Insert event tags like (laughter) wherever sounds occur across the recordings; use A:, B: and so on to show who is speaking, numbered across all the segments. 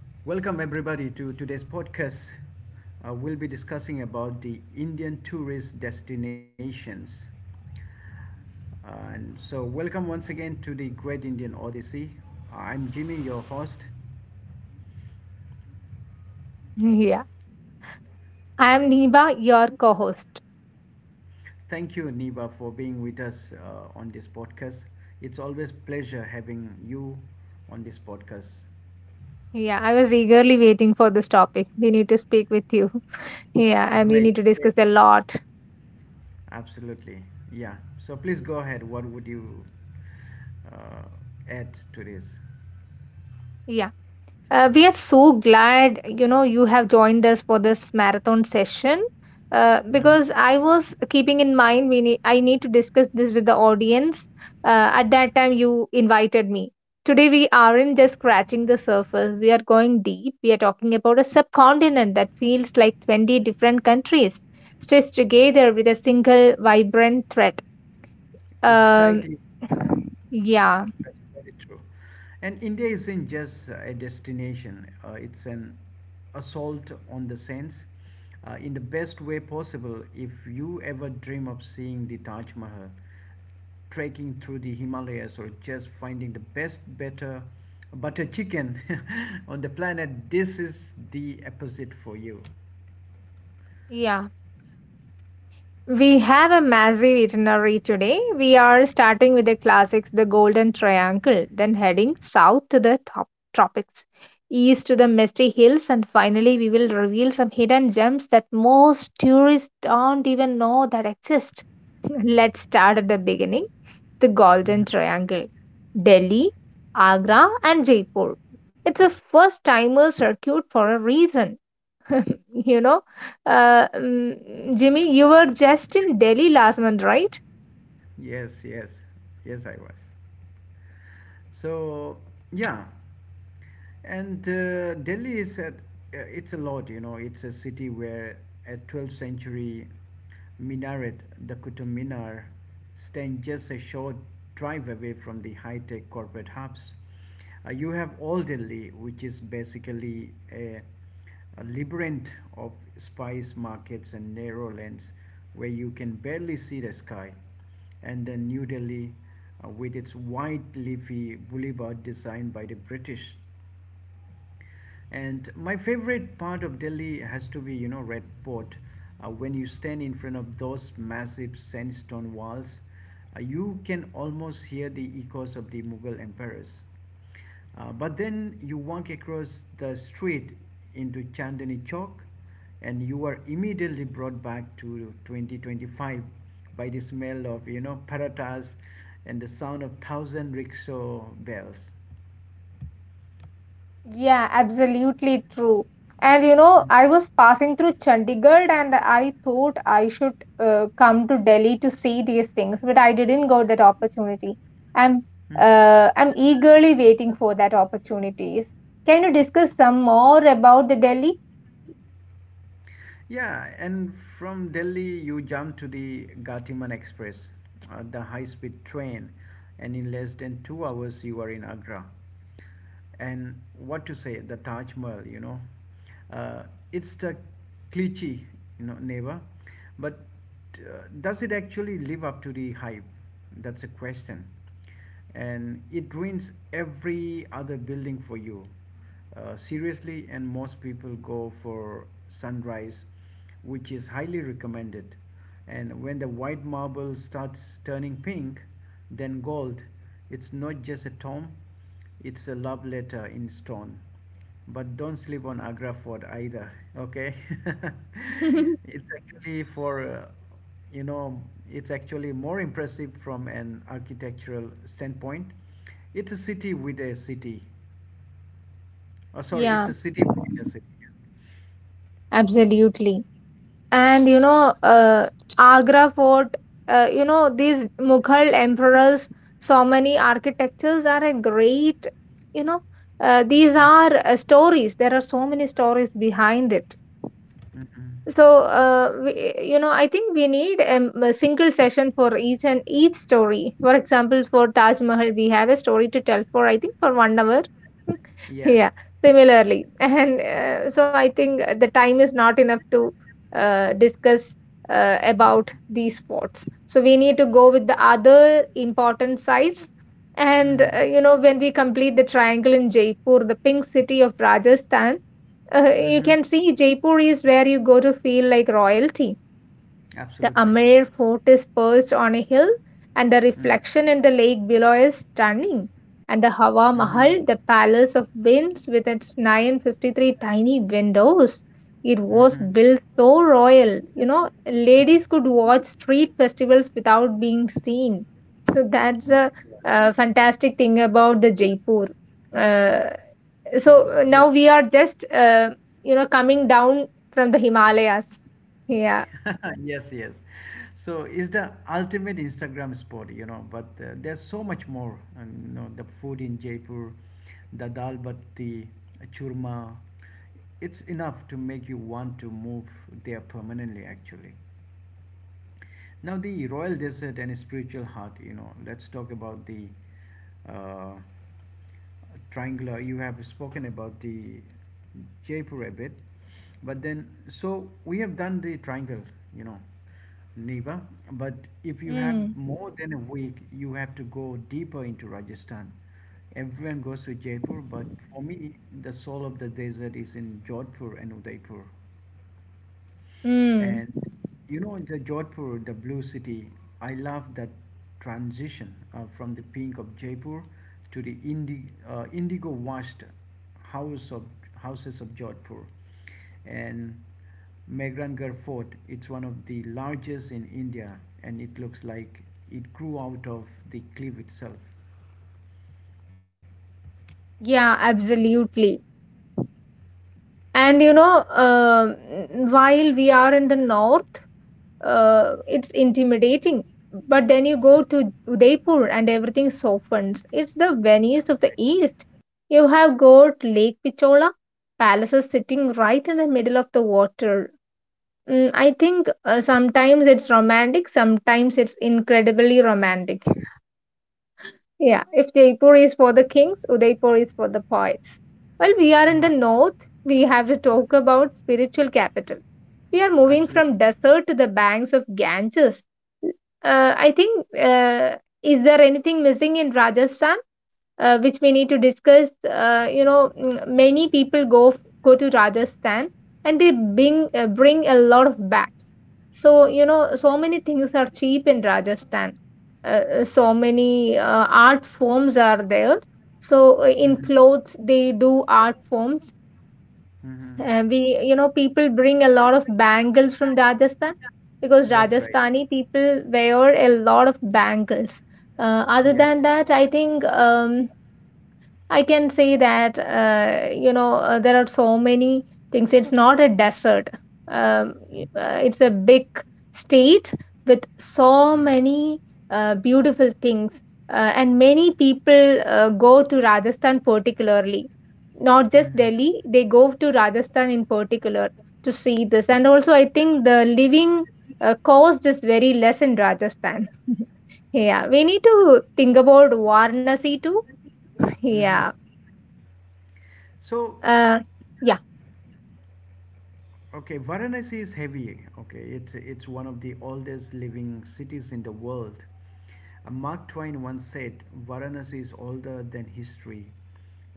A: Welcome everybody to today's podcast. We'll be discussing about the Indian tourist destinations. Welcome once again to the Great Indian Odyssey. I'm Jimmy, your host.
B: Yeah, I am Niba, your co host.
A: Thank you, Niba, for being with us on this podcast. It's always pleasure having you on this podcast.
B: Yeah, I was eagerly waiting for this topic. We need to speak with you. (laughs) Yeah, and we
A: Great,
B: need to
A: great,
B: discuss a lot.
A: absolutely, yeah. So please go ahead. What would you uh, add to this?
B: Yeah, we are so glad, you have joined us for this marathon session. Uh,
A: hmm
B: because I was keeping in mind, I need to discuss this with the audience. At that time, you invited me. Today, we aren't just scratching the surface, we are going deep. We are talking about a subcontinent that feels like 20 different countries stitched together with a single vibrant thread. Um,
A: Exactly.
B: (sighs) yeah,
A: That's very true. And India isn't just a destination, it's an assault on the sense in the best way possible. If you ever dream of seeing the Taj Mahal, trekking through the Himalayas, or just finding the best, better butter chicken (laughs) on the planet, this is the opposite for you.
B: yeah. We have a massive itinerary today. We are starting with the classics, the Golden Triangle, then heading south to the top tropics, east to the misty hills, and finally we will reveal some hidden gems that most tourists don't even know that exist. (laughs) Let's start at the beginning, the Golden Triangle. Delhi, Agra, and Jaipur. It's a first timer circuit for a reason. (laughs) you know, Jimmy, you were just in Delhi last month, right?
A: Yes, yes, yes, I was. So yeah, and Delhi is at, it's a lot. You know, it's a city where a 12th century minaret, the Qutub Minar, stand just a short drive away from the high-tech corporate hubs. You have all Delhi, which is basically a labyrinth of spice markets and narrow lanes where you can barely see the sky. And then New Delhi, with its wide leafy boulevard designed by the British, and my favorite part of Delhi has to be, you know, Red Fort. When you stand in front of those massive sandstone walls, you can almost hear the echoes of the Mughal emperors. But then you walk across the street into Chandni Chowk, and you are immediately brought back to 2025 by the smell of parathas and the sound of thousand rickshaw bells.
B: Yeah, absolutely true. And
A: Mm.
B: I was passing through Chandigarh and I thought I should come to Delhi to see these things, but I didn't got that opportunity. I'm
A: Mm.
B: I'm eagerly waiting for that opportunities. Can you discuss some more about the Delhi?
A: Yeah, and from Delhi you jump to the Gatiman Express, the high-speed train, and in less than 2 hours you are in Agra. And what to say, the Taj Mahal, uh, it's the cliche, neighbor, but does it actually live up to the hype? That's a question and it ruins every other building for you. Seriously, and most people go for sunrise, which is highly recommended. And when the white marble starts turning pink, then gold, it's not just a tomb, it's a love letter in stone. But don't sleep on Agra Fort either, okay? (laughs)
B: (laughs)
A: it's actually for, you know, It's actually more impressive from an architectural standpoint. It's a city with a city. Oh, sorry, it's
B: Yeah,
A: a city within a city.
B: absolutely. And Agra Fort, these Mughal emperors, so many architectures are a great, you know these
A: Mm-hmm.
B: are stories. There are so many stories behind it.
A: Mm-hmm.
B: So we, I think we need a single session for each and each story. For example, for Taj Mahal, we have a story to tell for, I think, for 1 hour.
A: Yeah.
B: Yeah, similarly. (laughs) And so I think the time is not enough to discuss about
A: Mm-hmm.
B: these sports. So we need to go with the other important sites. And
A: Mm-hmm.
B: when we complete the triangle in Jaipur, the pink city of Rajasthan, you
A: Mm-hmm.
B: can see Jaipur is where you go to feel like royalty. The
A: Absolutely.
B: Amer Fort is perched on a hill, and the
A: Mm-hmm.
B: reflection in the lake below is stunning. And the Hawa
A: Mm-hmm.
B: Mahal, the palace of winds with its 953 tiny windows, it was
A: Mm-hmm.
B: built so royal. Ladies could watch street festivals without being seen. So that's
A: My
B: a,
A: God.
B: uh fantastic thing about the Jaipur. Uh,
A: So,
B: so now
A: yeah.
B: we are just, coming down from the Himalayas. Yeah.
A: (laughs) Yes, yes, so it's the ultimate Instagram spot, you know, but there's so much more. And you know the food in Jaipur, the dal batti churma, it's enough to make you want to move there permanently actually. Now the royal desert and spiritual heart. You know, let's talk about the uh, triangular. You have spoken about the Jaipur a bit, but then so we have done the triangle. You know, Neva. But if you have
B: Mm.
A: more than a week, you have to go deeper into Rajasthan. Everyone goes to Jaipur, but for me, the soul of the desert is in Jodhpur and Udaipur.
B: Mm,
A: And you know, the Jodhpur, the blue city, I love that transition from the pink of Jaipur to the indigo washed house of, houses of Jodhpur. And Megrangarh Fort, it's one of the largest in India and it looks like it grew out of the cliff itself.
B: yeah, absolutely. And while we are in the north, it's intimidating. But then you go to Udaipur and everything softens. It's the Venice of the east. You have got Lake Pichola, palaces sitting right in the middle of the water. I think sometimes it's romantic, sometimes it's incredibly romantic. Yeah, if Jaipur is for the kings, Udaipur is for the poets. Well, we are in the
A: Right,
B: north. We have to talk about spiritual capital. We are moving
A: absolutely.
B: from desert to the banks of Ganges. I think, is there anything missing in Rajasthan? Which we need to discuss. Many people go to Rajasthan and they bring a lot of bags. So many things are cheap in Rajasthan. So many art forms are there. So in
A: hmm
B: clothes, they do art forms.
A: hmm
B: We you know People bring a lot of bangles from Rajasthan because
A: That's right.
B: Rajasthani people wear a lot of bangles. Other
A: Yes.
B: than that, I think I can say that there are so many things. It's not a desert. Um,
A: Mm,
B: it's a big state with so
A: Yeah.
B: many beautiful things, and many people go to Rajasthan particularly. Not just
A: hmm
B: Delhi, they go to Rajasthan in particular to see this. And also, I think the living cost is very less in Rajasthan. (laughs) Yeah, we need to think about Varanasi too. (laughs)
A: hmm
B: Yeah.
A: So,
B: Uh, yeah,
A: okay, Varanasi is heavy. Okay, it's one of the oldest living cities in the world. Mark Twain once said, "Varanasi is older than history,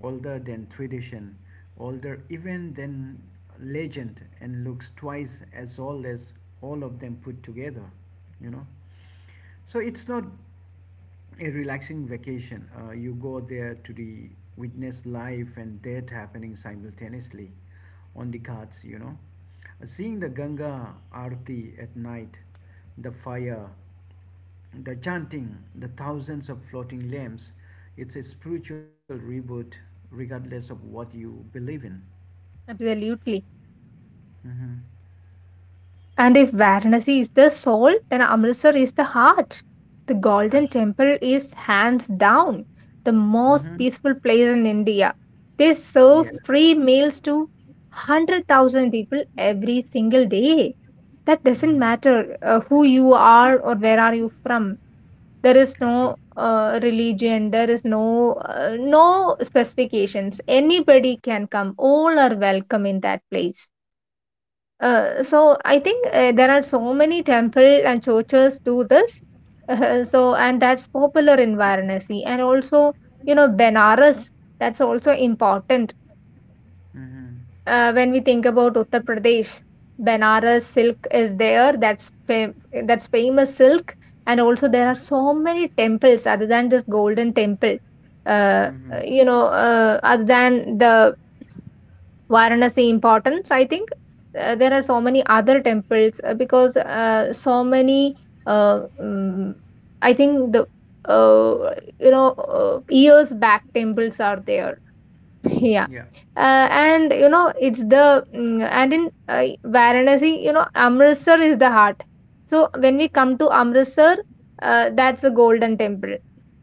A: older than tradition, older even than legend, and looks twice as old as all of them put together." You know. So it's not a relaxing vacation. You go there to the witness life and death happening simultaneously on the ghats, you know. Seeing the Ganga Aarti at night, the fire, the chanting, the thousands of floating lamps, it's a spiritual reboot regardless of what you believe in.
B: absolutely.
A: Mm-hmm.
B: And if Varanasi is the soul, then Amritsar is the heart. The Golden
A: Absolutely.
B: Temple is hands down the most
A: Mm-hmm.
B: peaceful place in India. They serve
A: Yes.
B: free meals to 100,000 people every single day. That doesn't
A: Mm-hmm.
B: matter who you are or where are you from. There is no
A: Absolutely.
B: religion, there is no no specifications. Anybody can come. All are welcome in that place. So I think there are so many temple and churches do this. (laughs) So and that's popular in Varanasi, and also, Benares, that's also important
A: Mm-hmm.
B: when we think about Uttar Pradesh. Benares silk is there. That's famous silk, and also there are so many temples other than this Golden Temple. Uh,
A: Mm-hmm.
B: other than the Varanasi importance. I think there are so many other temples because so many. Uh, mm, I think the uh, years back temples are there. (laughs) Yeah
A: Yeah.
B: uh, and in Varanasi, Amritsar is the heart. So when we come to Amritsar, that's the Golden Temple,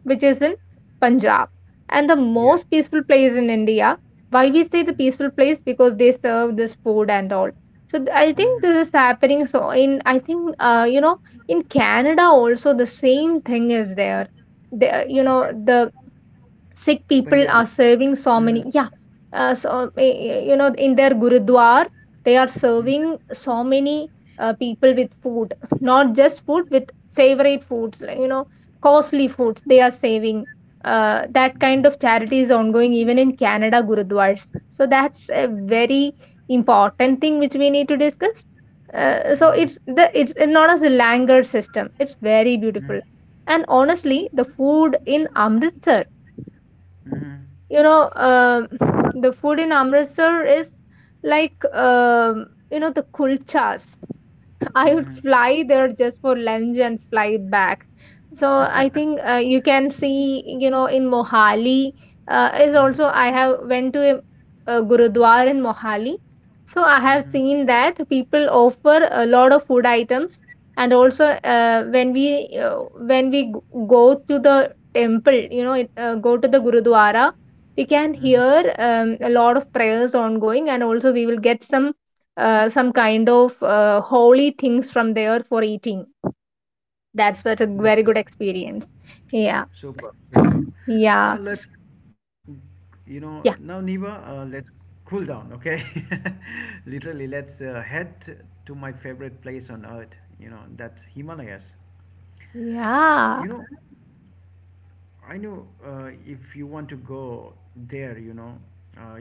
B: which is in Punjab and the
A: Yes.
B: most peaceful place in India. Why we say the peaceful place? Because they serve this food and all. So I think
A: Mm-hmm.
B: this is happening. So in I think, in Canada also the same thing is there. the, you know
A: Okay.
B: the Sikh people are
A: Punjabis.
B: serving so many,
A: Mm-hmm.
B: yeah, so in their gurudwar, they are serving
A: Mm-hmm.
B: so many people with food, not just food, with favorite foods, like, costly foods they are saving. That kind of charity is ongoing even in Canada gurudwars. So that's a very important thing which we need to discuss. So
A: Mm-hmm.
B: it's not as a langer system. It's very beautiful. And honestly,
A: Mm-hmm.
B: you know um the food in amritsar is like the kulchas. I would
A: Mm-hmm.
B: fly there just for lunch and fly back. So I think you can see, in Mohali is
A: Mhm,
B: also I have went to a gurudwara in Mohali. So I have
A: mhm,
B: seen that people offer a lot of food items, and also when we go to the temple, go to the gurudwara, we can
A: mhm.
B: hear a lot of prayers ongoing, and also we will get some kind of holy things from there for eating. That's what a very
A: That's right.
B: good experience. Yeah,
A: Superb, superb.
B: yeah,
A: Now let's, you know, now
B: yeah,
A: Niva, let's cool down, okay? (laughs) Literally, let's head to my favorite place on earth. You know, that's Himalayas.
B: yeah.
A: You know, I know if you want to go there, you know, uh,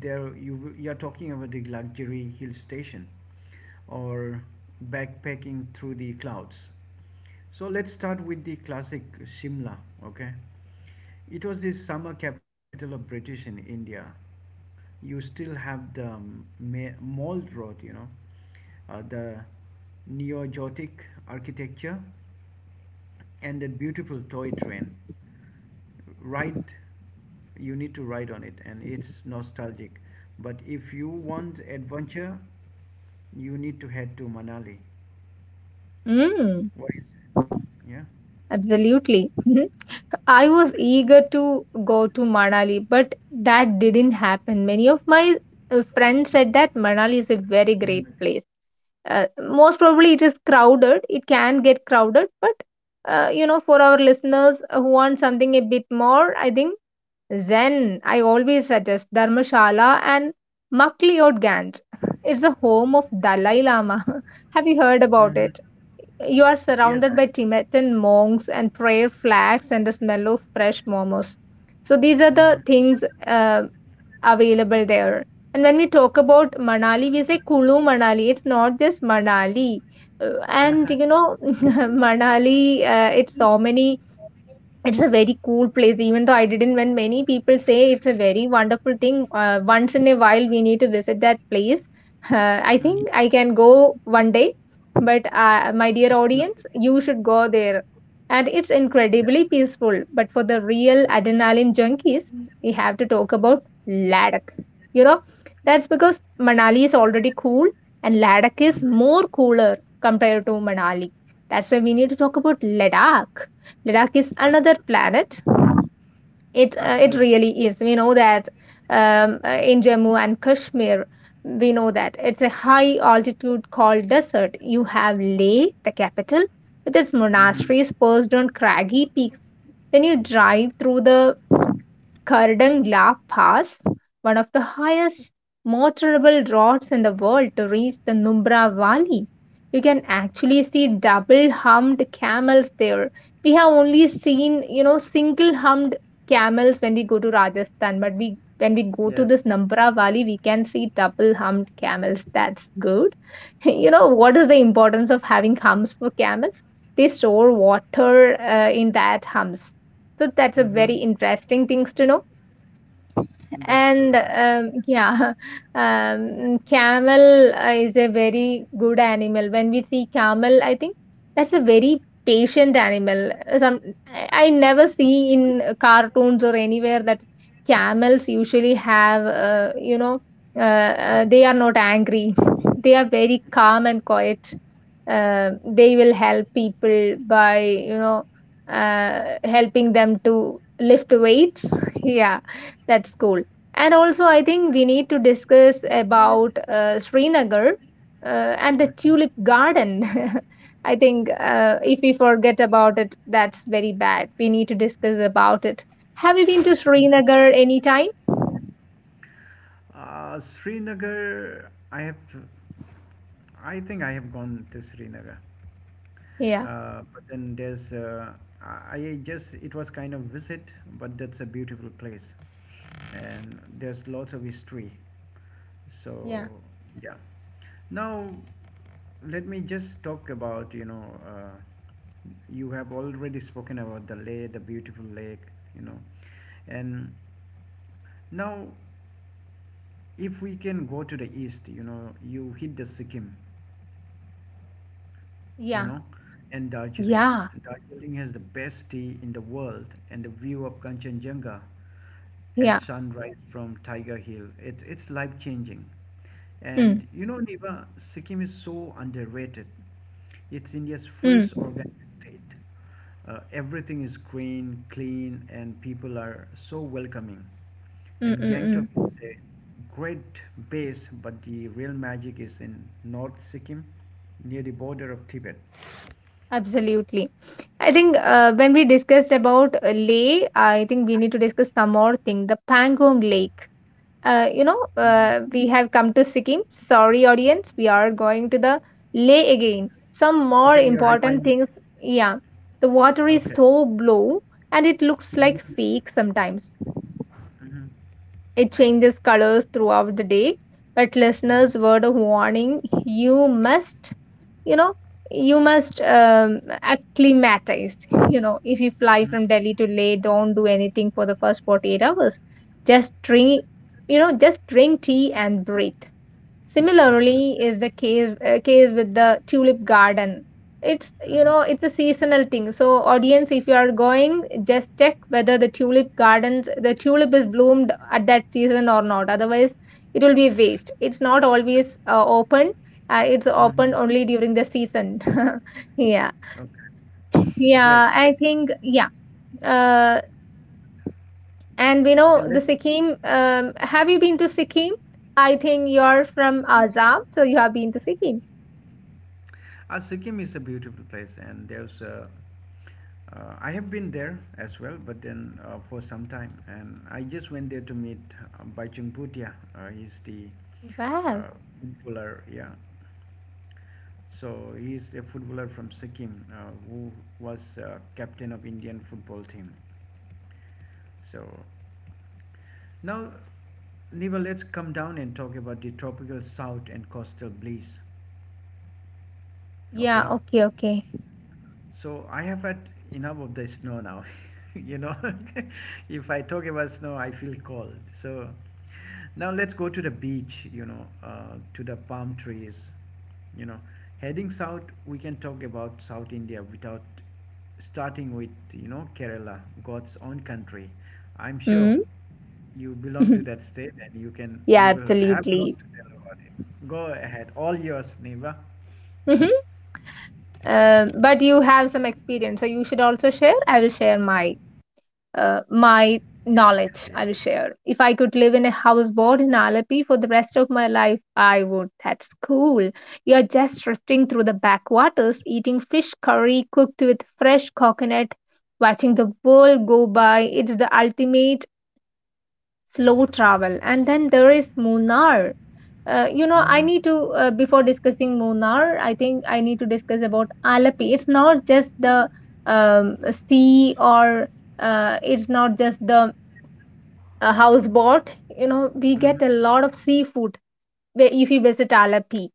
A: there you are talking about the luxury hill station, or backpacking through the clouds. So let's start with the classic Shimla. Okay, it was the summer capital of British in India. You still have the Mall Road, you know, the neo-Gothic architecture, and that beautiful toy train ride. You need to ride on it and it's nostalgic, but if you want adventure you need to head to Manali.
B: Mm,
A: What is it? Yeah.
B: absolutely. Mhm. I was eager to go to Manali, but that didn't happen. Many of my friends said that Manali is a very great
A: hmm
B: place. Uh, most probably, it is crowded. It can get crowded, but for our listeners who want something a bit more, I think Zen, I always suggest Dharmashala and Makliyot Ganj. (laughs) It's the home of Dalai Lama. (laughs) Have you heard about
A: hmm
B: it? You are
A: yes,
B: surrounded
A: I.
B: by Tibetan monks and prayer flags and the smell of fresh momos. So these are the
A: hmm
B: things available there. And when we talk about Manali, we say Kulu Manali. It's not just Manali.
A: hmm
B: (laughs) Manali, it's so many it's a very cool place, even though I didn't. When many people say it's a very wonderful thing, once in a while we need to visit that place. (laughs) I think I can go one day, but my
A: (laughs)
B: dear
A: Absolutely.
B: audience, you should go there. And it's
A: Yes.
B: incredibly peaceful. But for the real adrenaline junkies, we have to talk about Ladakh. You know, that's because Manali is already cool and Ladakh
A: hmm
B: is more cooler compared to Manali. That's why we need to talk about Ladakh. Ladakh is another
A: Absolutely.
B: planet. It
A: Absolutely.
B: really is. We know that in Jammu and Kashmir, we know that it's a high altitude called desert. You have Leh, the capital, with its
A: hmm
B: monasteries perched on craggy peaks. Then you drive through the Kardangla Pass, one of the highest motorable roads in the world to reach the Nubra Valley. You can actually see double humped camels there. We have only seen, single humped camels when we go to Rajasthan, but we when we go to
A: yes.
B: this Nampara Valley, we can see double humped camels. That's good. (laughs) You know what is the importance of having humps for camels? They store water in that humps. So that's a very
A: hmm
B: interesting things to know
A: that's
B: and
A: true. That.
B: yeah (laughs) camel is a very good animal. When we see camel, I think that's a very patient animal. Some I never see in cartoons or anywhere that camels usually have
A: How?
B: they are not angry. (laughs) They are very calm and quiet. uh, they will help people by you know uh, helping them to lift weights. (laughs) Yeah, that's cool. And also, I think we need to discuss about Srinagar and the
A: hmm
B: tulip garden. (laughs) I think if we forget about it, that's very bad. We need to discuss about it. Have you been to Srinagar anytime?
A: Uh, Srinagar, I have, I think I have gone to Srinagar.
B: Yeah,
A: But then there's, I just, It was kind of visit, but that's a beautiful place. And there's lots of history.
B: yeah,
A: So, yeah. Now, let me just talk about, you have already spoken about the lake, the beautiful lake, you know. And now, if we can go to the east, you know, you hit the Sikkim, you
B: yeah,
A: know, and Darjeeling.
B: yeah,
A: Darjeeling has the best tea in the world and the view of Kanchenjunga at
B: yeah.
A: sunrise from Tiger Hill. It's life changing.
B: Mm,
A: And you know, Niva, Sikkim is so underrated. It's India's
B: mm,
A: first
B: mm,
A: organic state. Everything is green, clean, and people are so welcoming.
B: mm,
A: And Gangtok
B: mm.
A: is a great base, but the real magic is in North Sikkim, near the border of Tibet.
B: Absolutely. I think when we discussed about Leh, I think we need to discuss some more thing, the Pangong Lake. You know,
A: hmm
B: we have come to Sikkim. Sorry, audience, we are going to the lake again. Some more
A: Okay, you're
B: important
A: reminding
B: things.
A: me.
B: Yeah, the water is
A: Okay.
B: so blue and it looks like
A: hmm
B: fake sometimes.
A: hmm
B: It changes colors throughout the day. But
A: hmm
B: listeners, word of warning: you must you know you must acclimatize. (laughs) You know, if you fly
A: hmm
B: from Delhi to Leh, don't do anything for the first 48 hours. Just drink, just drink tea and breathe.
A: Absolutely.
B: Similarly, is the case with the tulip garden. It's, you
A: hmm
B: know, it's a seasonal thing. So audience, if you are going, just check whether the tulip is bloomed at that season or not. Otherwise, it will be a waste. It's not always open. It's open
A: hmm
B: only during the season. (laughs) Yeah,
A: Okay. Great,
B: yeah.
A: great.
B: I think yeah. Uh, and we
A: Okay,
B: know
A: let.
B: the Sikkim. Have you been to Sikkim? I think you're from Assam, so you have been to Sikkim.
A: Sikkim is a beautiful place, and there's a I have been there as well, but then for some time, and I just went there to meet Baichung Bhutia. He's the
B: Wow.
A: uh, footballer, yeah. So he's a footballer from Sikkim who was captain of Indian football team. So now, Niva, let's come down and talk about the tropical south and coastal breeze.
B: Yeah,
A: Okay.
B: okay, okay.
A: So I have had enough of the snow now. (laughs) You know, (laughs) if I talk about snow, I feel cold. So now let's go to the beach, you know, to the palm trees. You know, heading south, we can talk about South India without starting with, you know, Kerala, God's own country. I'm sure
B: Mm.
A: you belong to that
B: (laughs)
A: state and
B: Yeah,
A: you will have lots
B: absolutely.
A: to tell about it. Go ahead, all yours, Neva.
B: Mhm. But you have some experience, so you should also share. I will share my my
A: Yes, yes,
B: knowledge.
A: yes.
B: I will share. If I could live in a houseboat in Alleppey for the rest of my life, I would. That's cool. You're just drifting through the backwaters, eating fish curry cooked with fresh coconut, watching the world go by. It's the ultimate slow travel. And then there is Munnar. You know I
A: Mm-hmm.
B: need to Before discussing Munnar, I think I need to discuss about Alapi. It's not just the um, sea, or it's not just the houseboat. You know, we
A: Mm-hmm.
B: get a lot of seafood if you visit Alapi.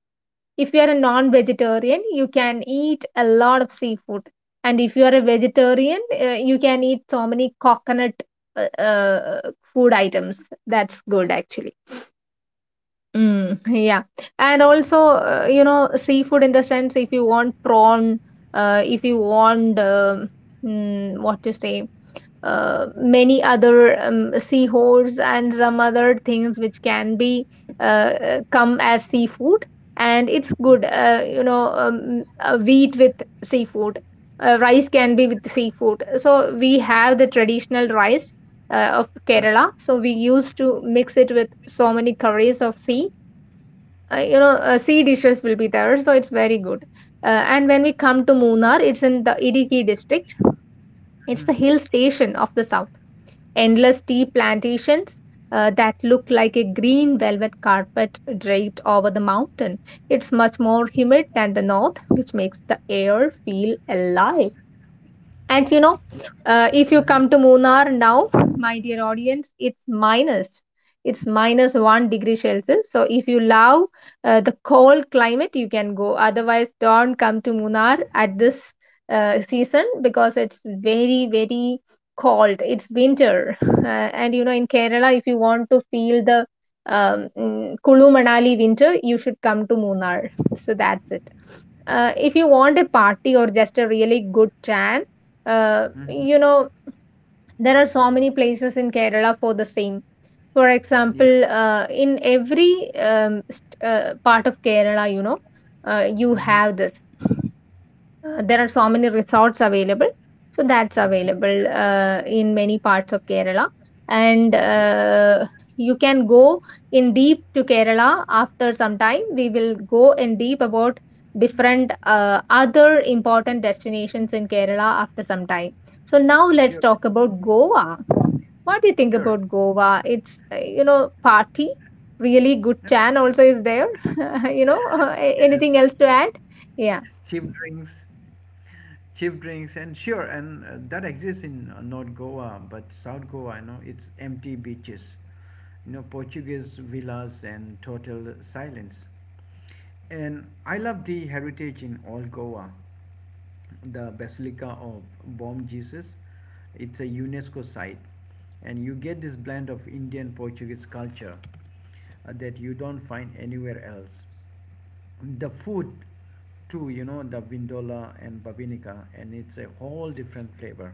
B: If you are a non vegetarian, you can eat a lot of seafood. And if you are a vegetarian, you can eat so many coconut uh, uh, food items. That's good actually. Mm, yeah. And also, you know, seafood in the sense, if you want prawn, if you want what to say, many other seahorse and some other things which can be come as seafood. And it's good, you know, wheat with seafood. Rice can be with seafood. So we have the traditional rice of
A: Mm-hmm.
B: Kerala. So we used to mix it with so many curries of sea. You know, sea dishes will be there, so it's very good. And when we come to Munnar, it's in the Idiki district. It's
A: Mm-hmm.
B: the hill station of the south. Endless tea plantations that look like a green velvet carpet draped over the mountain. It's much more humid than the north, which makes the air feel alive. And you know,
A: Yeah.
B: if you
A: Mm-hmm.
B: come to Munnar now, my dear audience, it's minus. It's minus one degree Celsius. So if you love the cold climate, you can go. Otherwise, don't come to Munnar at this season because it's very, very cold. It's winter. And you know, in Kerala, if you want to feel the Kulu Manali winter, you should come to Munnar. So that's it. If you want a party or just a really good tan,
A: Mm-hmm.
B: you know, there are so many places in Kerala for the same. For
A: Yes.
B: example, in every part of Kerala, you know, you
A: Mm-hmm.
B: have this there are so many resorts available. So that's
A: Absolutely.
B: available
A: Absolutely.
B: in many parts of Kerala. And
A: Yeah.
B: you can go in deep to Kerala. After some time, we will go in deep about different other important destinations in Kerala after some time. So now let's
A: Sure.
B: talk about Goa. What do you think
A: Sure.
B: about Goa? It's you know, party. Really good
A: (laughs) Yes.
B: chan also is there. (laughs) You know, anything else to add? Yeah.
A: Cheap drinks. Cheap drinks and sure, and that exists in North Goa, but South Goa, you know, it's empty beaches, you know, Portuguese villas and total silence. And I love the heritage in all Goa, the Basilica of Bom Jesus. It's a UNESCO site, and you get this blend of Indian Portuguese culture that you don't find anywhere else. The food too, you know, the vindola and babinica, and it's a whole different flavor.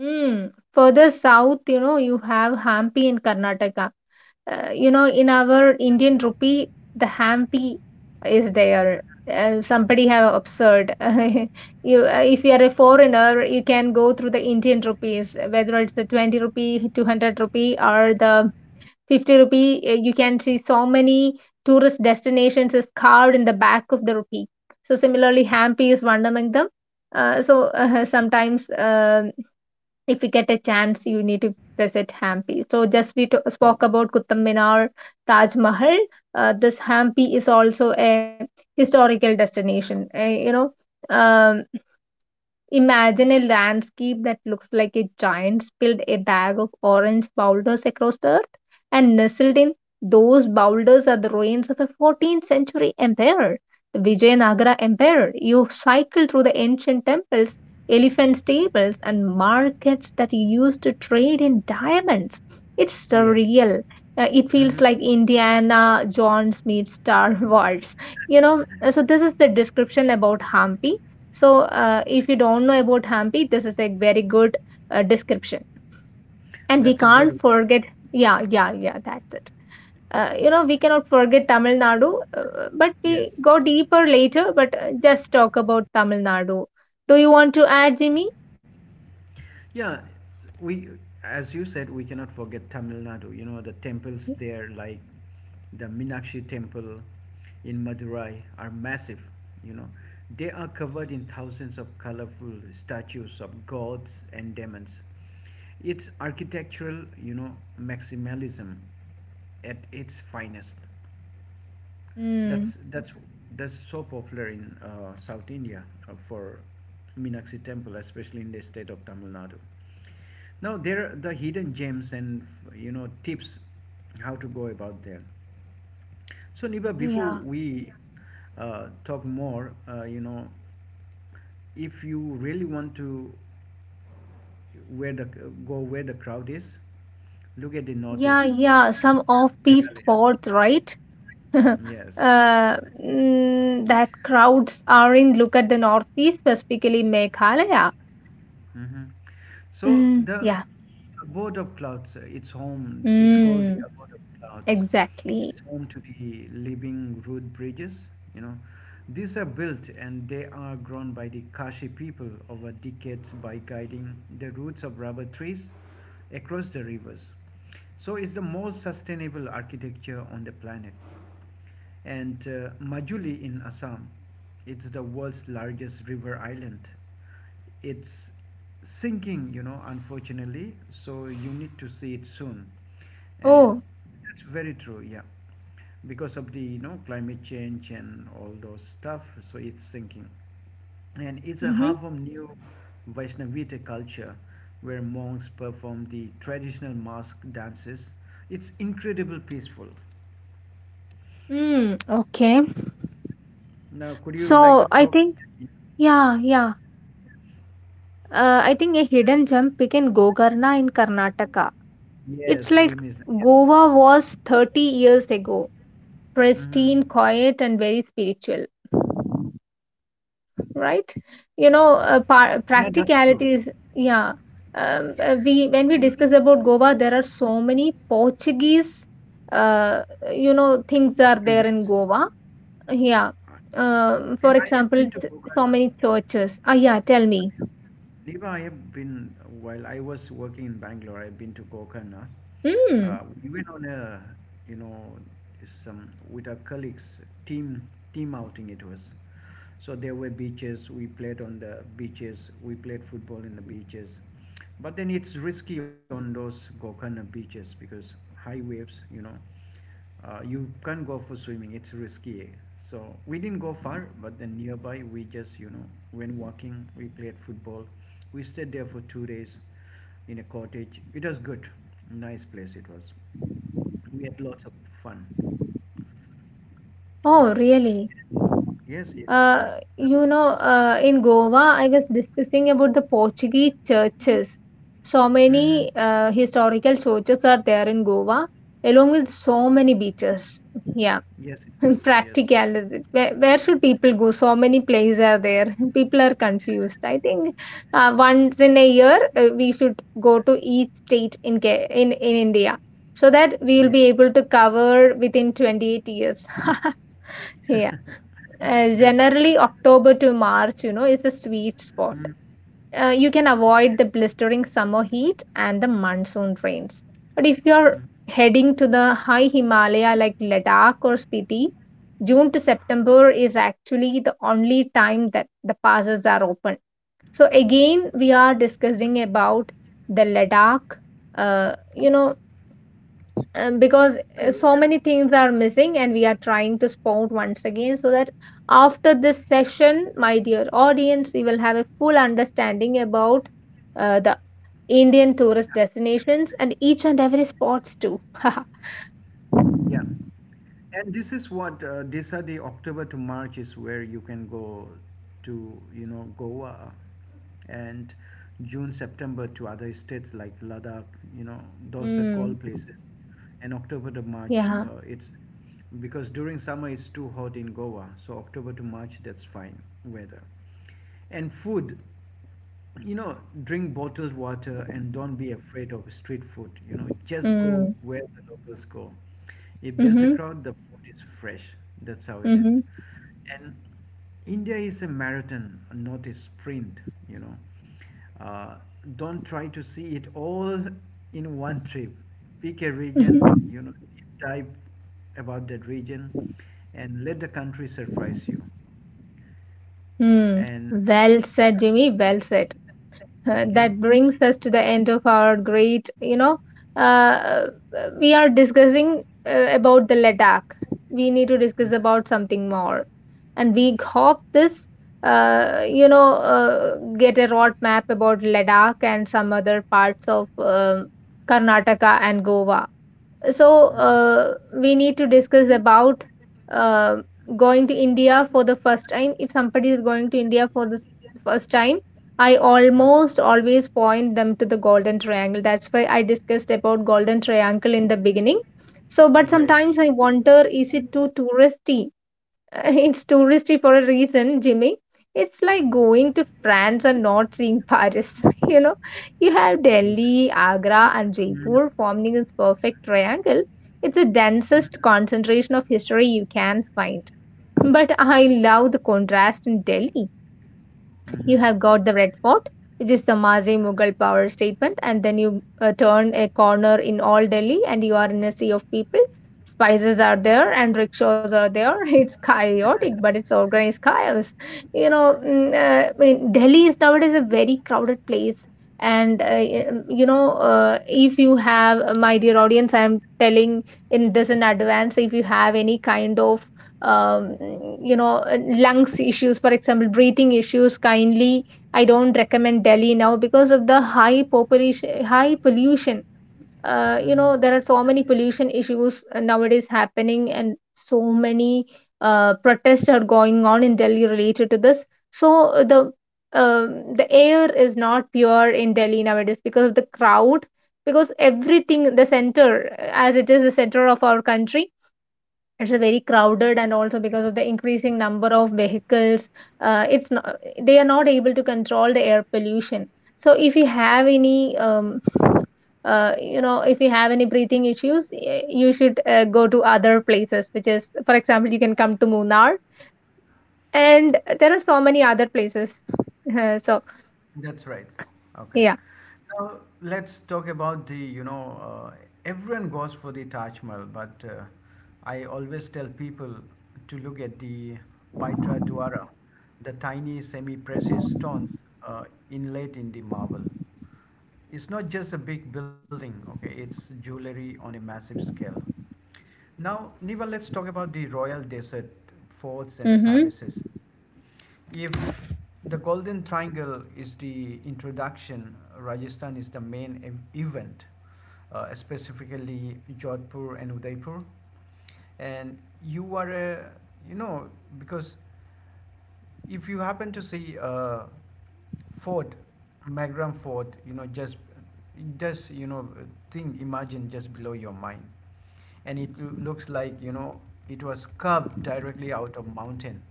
B: Mm. Further south, you know, you have Hampi in Karnataka. You know, in our Indian rupee, the Hampi is there. Somebody have observed. (laughs) You, if you are a foreigner, you can go through the Indian rupees, whether it's the 20 rupee, 200 rupee, or the 50 rupee. You can see so many tourist destinations is carved in the back of the rupee. So similarly, Hampi is one among them. Sometimes. If you get a chance, you need to visit Hampi. So, spoke about Qutub Minar, Taj Mahal. This Hampi is also a historical destination. You know, um, imagine a landscape that looks like a giant spilled a bag of orange boulders across the earth, and nestled in those boulders are the ruins of a 14th century empire, the Vijayanagara Empire. You cycle through the ancient temples, elephant stables, and markets that used to trade in diamonds. It's
A: Yes.
B: surreal. It feels
A: hmm
B: like Indiana Jones meets Star (laughs) Wars. You know, so this is the description about Hampi. So, if you don't know about Hampi, this is a very good description. And we
A: that's a
B: can't
A: good one.
B: forget, yeah, yeah, yeah, that's it. You know, we cannot forget Tamil Nadu, but we
A: Yes.
B: go deeper later, but just talk about Tamil Nadu. Do you want to add, Jimmy?
A: Yeah, we, as you said, we cannot forget Tamil Nadu. You know, the temples there, like the Minakshi temple in Madurai, are massive. You know, they are covered in thousands of colorful statues of gods and demons. It's architectural, you know, maximalism at its finest.
B: Mm,
A: That's that's that's so popular in South India for Meenakshi temple, especially in the state of Tamil Nadu. Now there are the hidden gems and you know tips how to go about there. So Niba, before
B: yeah,
A: we talk more, you know, if you really want to where the go where the crowd is, look at the
B: yeah,
A: notice.
B: yeah. Some offbeat
A: Meghalaya.
B: spots, right? (laughs)
A: Yes.
B: Uh, mm, that crowds are in. Look at the northeast, specifically Meghalaya.
A: hmm So
B: Mm,
A: the
B: yeah.
A: abode of clouds, it's home. It's called the
B: Mm.
A: abode of clouds.
B: Exactly.
A: It's home to the living root bridges. You know, these are built and they are grown by the Kashi people over decades by guiding the roots of rubber trees across the rivers. So it's the most sustainable architecture on the planet. And Majuli in Assam, it's the world's largest river island. It's sinking, you know, unfortunately, so you need to see it soon. And
B: Oh,
A: that's very true, yeah, because of the, you know, climate change and all those stuff, so it's sinking. And it's a
B: mm-hmm.
A: half of new Vaishnavita culture where monks perform the traditional mask dances. It's incredible peaceful.
B: Mm, okay.
A: Now, could you like
B: So
A: to
B: I
A: talk?
B: think, yeah, yeah. I think a hidden gem pick in Gokarna in Karnataka. It's
A: Yes,
B: like
A: we miss that. Yeah,
B: Goa was 30 years ago,
A: hmm
B: pristine, quiet, and very spiritual, right? You know,
A: yeah, that's true.
B: practicality is, yeah. We when we discuss
A: And
B: about Goa, there are so many Portuguese, uh, you know, things are there in
A: Legs.
B: Goa. Yeah.
A: Uh,
B: For
A: And I have
B: example,
A: been to
B: so
A: Gokarna.
B: many churches. Ah, yeah, tell me.
A: Neva, I have been while I was working in Bangalore. I've been to Gokarna.
B: Hmm.
A: We went on a, you know, some with our colleagues team team outing. It was, so there were beaches. We played on the beaches. We played football in the beaches, but then it's risky on those Gokarna beaches because high waves. You can't go for swimming; it's risky. So we didn't go far, but then nearby we just went walking. We played football. We stayed there for 2 days in a cottage. It was good, nice place it was. We had lots of fun. Yeah.
B: Oh, really?
A: Yes, yes, it
B: Uh,
A: is.
B: you know, in Goa, I was discussing about the Portuguese churches. So
A: Mm-hmm.
B: many historical churches are there in Goa, along with so many beaches. Yeah.
A: Yes, it
B: (laughs)
A: is. Yes.
B: Practicality, where should people go? So many places are there. (laughs) People are confused, I think. Uh, once in a year, we should go to each state in in India, so that we will
A: Yeah,
B: be able to cover within 28 years. (laughs) Yeah,
A: that's true.
B: generally October to March, you know, is a sweet spot.
A: Mm.
B: You can avoid the
A: Okay.
B: blistering summer heat and the monsoon rains. But if you're
A: Mhm.
B: heading to the high Himalaya like Ladakh or Spiti, June to September is actually the only time that the passes are open. So again, we are discussing about the Ladakh. You know, because so many things are missing and we are trying to spot once again so that after this session, my dear audience, you will have a full understanding about the Indian tourist
A: Absolutely.
B: destinations and each and every spots too. (laughs)
A: Yeah. And this is what these are the October to March is where you can go to Goa and June September to other states like Ladakh, you know, those are
B: Mm,
A: cold places, and October to March
B: yeah.
A: it's because during summer it's too hot in Goa, so October to March that's fine weather and food, you know, drink bottled water and don't be afraid of street food. You know, just go
B: Mm.
A: where the locals go. If there's a
B: Mm-hmm.
A: crowd, the food is fresh. That's how it is.
B: Mm-hmm.
A: And India is a marathon, not a sprint, you know. Uh, don't try to see it all in one trip. Pick a region,
B: Mm-hmm.
A: you know, type about that region and let the country surprise you.
B: Mm.
A: And
B: Well said, Jimmy, well said.
A: thank you.
B: That brings us to the end of our great, you know, uh, we are discussing about the Ladakh. We need to
A: Mhm.
B: discuss about something more, and we hope this get a roadmap about Ladakh and some other parts of Karnataka and Goa. So
A: Mhm.
B: we need to discuss about uh, going to India for the first time. If somebody is going to India for the first time, I
A: Mhm.
B: almost always point them to the Golden Triangle. That's why I discussed about Golden Triangle in the beginning. So but
A: Great.
B: sometimes I wonder, is it too touristy? (laughs) It's touristy for a reason, Jimmy. It's like going to France and not seeing Paris. (laughs) You know, you have Delhi,
A: Mm-hmm.
B: Agra, and Jaipur forming this perfect triangle. It's the densest concentration of history you can find. But I love the contrast in Delhi. You
A: Mm-hmm.
B: have got the Red Fort, which is the Mazi Mughal power statement, and then you turn a corner in all Delhi and you are in a sea of people. Spices are there and rickshaws are there. (laughs) It's chaotic, but it's organized chaos. You know, mm,
A: Right.
B: I mean, Delhi is nowadays a very crowded place. And, you know, if you have, my dear audience, I'm telling in this in advance, if you have any kind of um, you know, lungs issues, for example, breathing issues, kindly, I don't recommend Delhi now because of the high population, high pollution. You
A: Mm-hmm.
B: know, there are so many pollution issues nowadays happening, and so many protests are going on in Delhi related to this. So the air is not pure in Delhi nowadays because of the crowd, because everything the center as it is the center of our country. It's a very crowded, and also because of the increasing number of vehicles, it's not, they are not able to control the air pollution. So if you have any you know, if you have any breathing issues, you should go to other places, which is for example you can come to Munnar, and there are so many other places. (laughs) So
A: That's right. Okay.
B: yeah.
A: Now let's talk about the, everyone goes for the Taj Mahal, but I always tell people to look at the Pitra Dwara, the tiny semi-precious stones uh, inlaid in the marble. It's not just a big building, okay? It's jewelry on a massive scale. Now, Niva, let's talk about the royal desert forts and the
B: Hmm.
A: palaces. If the Golden Triangle is the introduction, Rajasthan is the main event, specifically Jodhpur and Udaipur. And you are a, you know, because if you happen to see Ford, Magram Ford, just you know, thing imagine just below your mind, and it looks like, you know, it was carved directly out of mountain,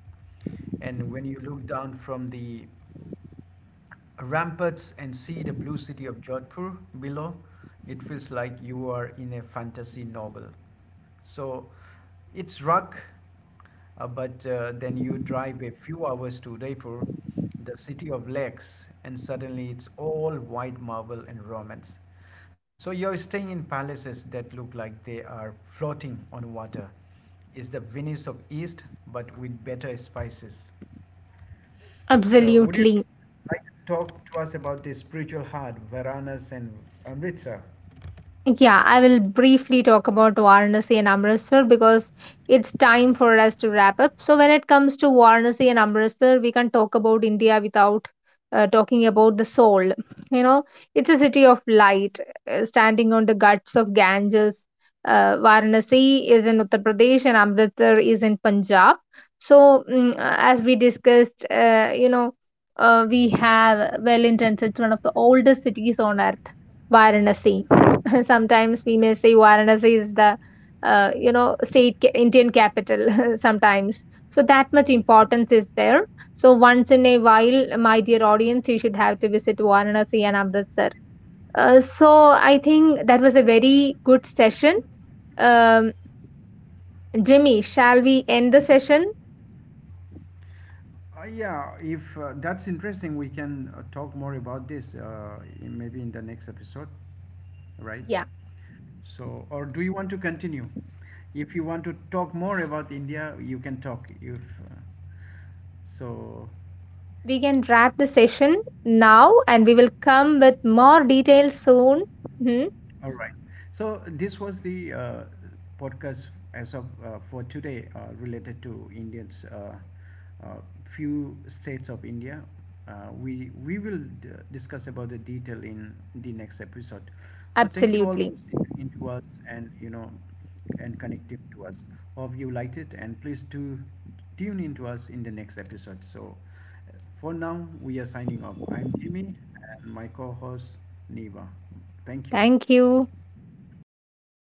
A: and when you look down from the ramparts and see the blue city of Jodhpur below, it feels like you are in a fantasy novel. So it's rock, but then you drive a few hours to Udaipur, the city of lakes, and suddenly it's all white marble and romance. So you're staying in palaces that look like they are floating on water. It's the Venice of East, but with better spices. So would you
B: Absolutely.
A: like to talk to us about the spiritual heart, Varanas and Amritsar?
B: Yeah, I will briefly talk about Varanasi and Amritsar because it's time for us to wrap up. So, when it comes to Varanasi and Amritsar, we can talk about India without talking about the soul. You know, it's a city of light, standing on the guts of Ganges. Varanasi is in Uttar Pradesh and Amritsar is in Punjab. So, mm, as we discussed, you know, we have well intentioned, it's one of the oldest cities on earth, Varanasi. (laughs) Sometimes we may say Varanasi is the you know, Indian capital (laughs) sometimes. So that much importance is there. So once in a while, my dear audience, you should have to visit Varanasi and Amritsar. So I think that was a very good session. Um, Jimmy, shall we end the session?
A: Yeah, if that's interesting, we can talk more about this maybe in the next episode, right?
B: Yeah,
A: So, or do you want to continue? If you want to talk more about India, you can talk. If uh, so,
B: we can wrap the session now, and we will come with more details soon. Mhm.
A: All right. So this was the podcast as of for today related to Indians. Few states of India. Uh, we will discuss about the detail in the next episode. So thank you all for
B: Absolutely.
A: sticking into us and, you know, and connecting to us. Hope you liked it and please do tune in to us in the next episode. So uh, for now we are signing off. I'm Jimmy and my co-host Neva. Thank you.
B: Thank you.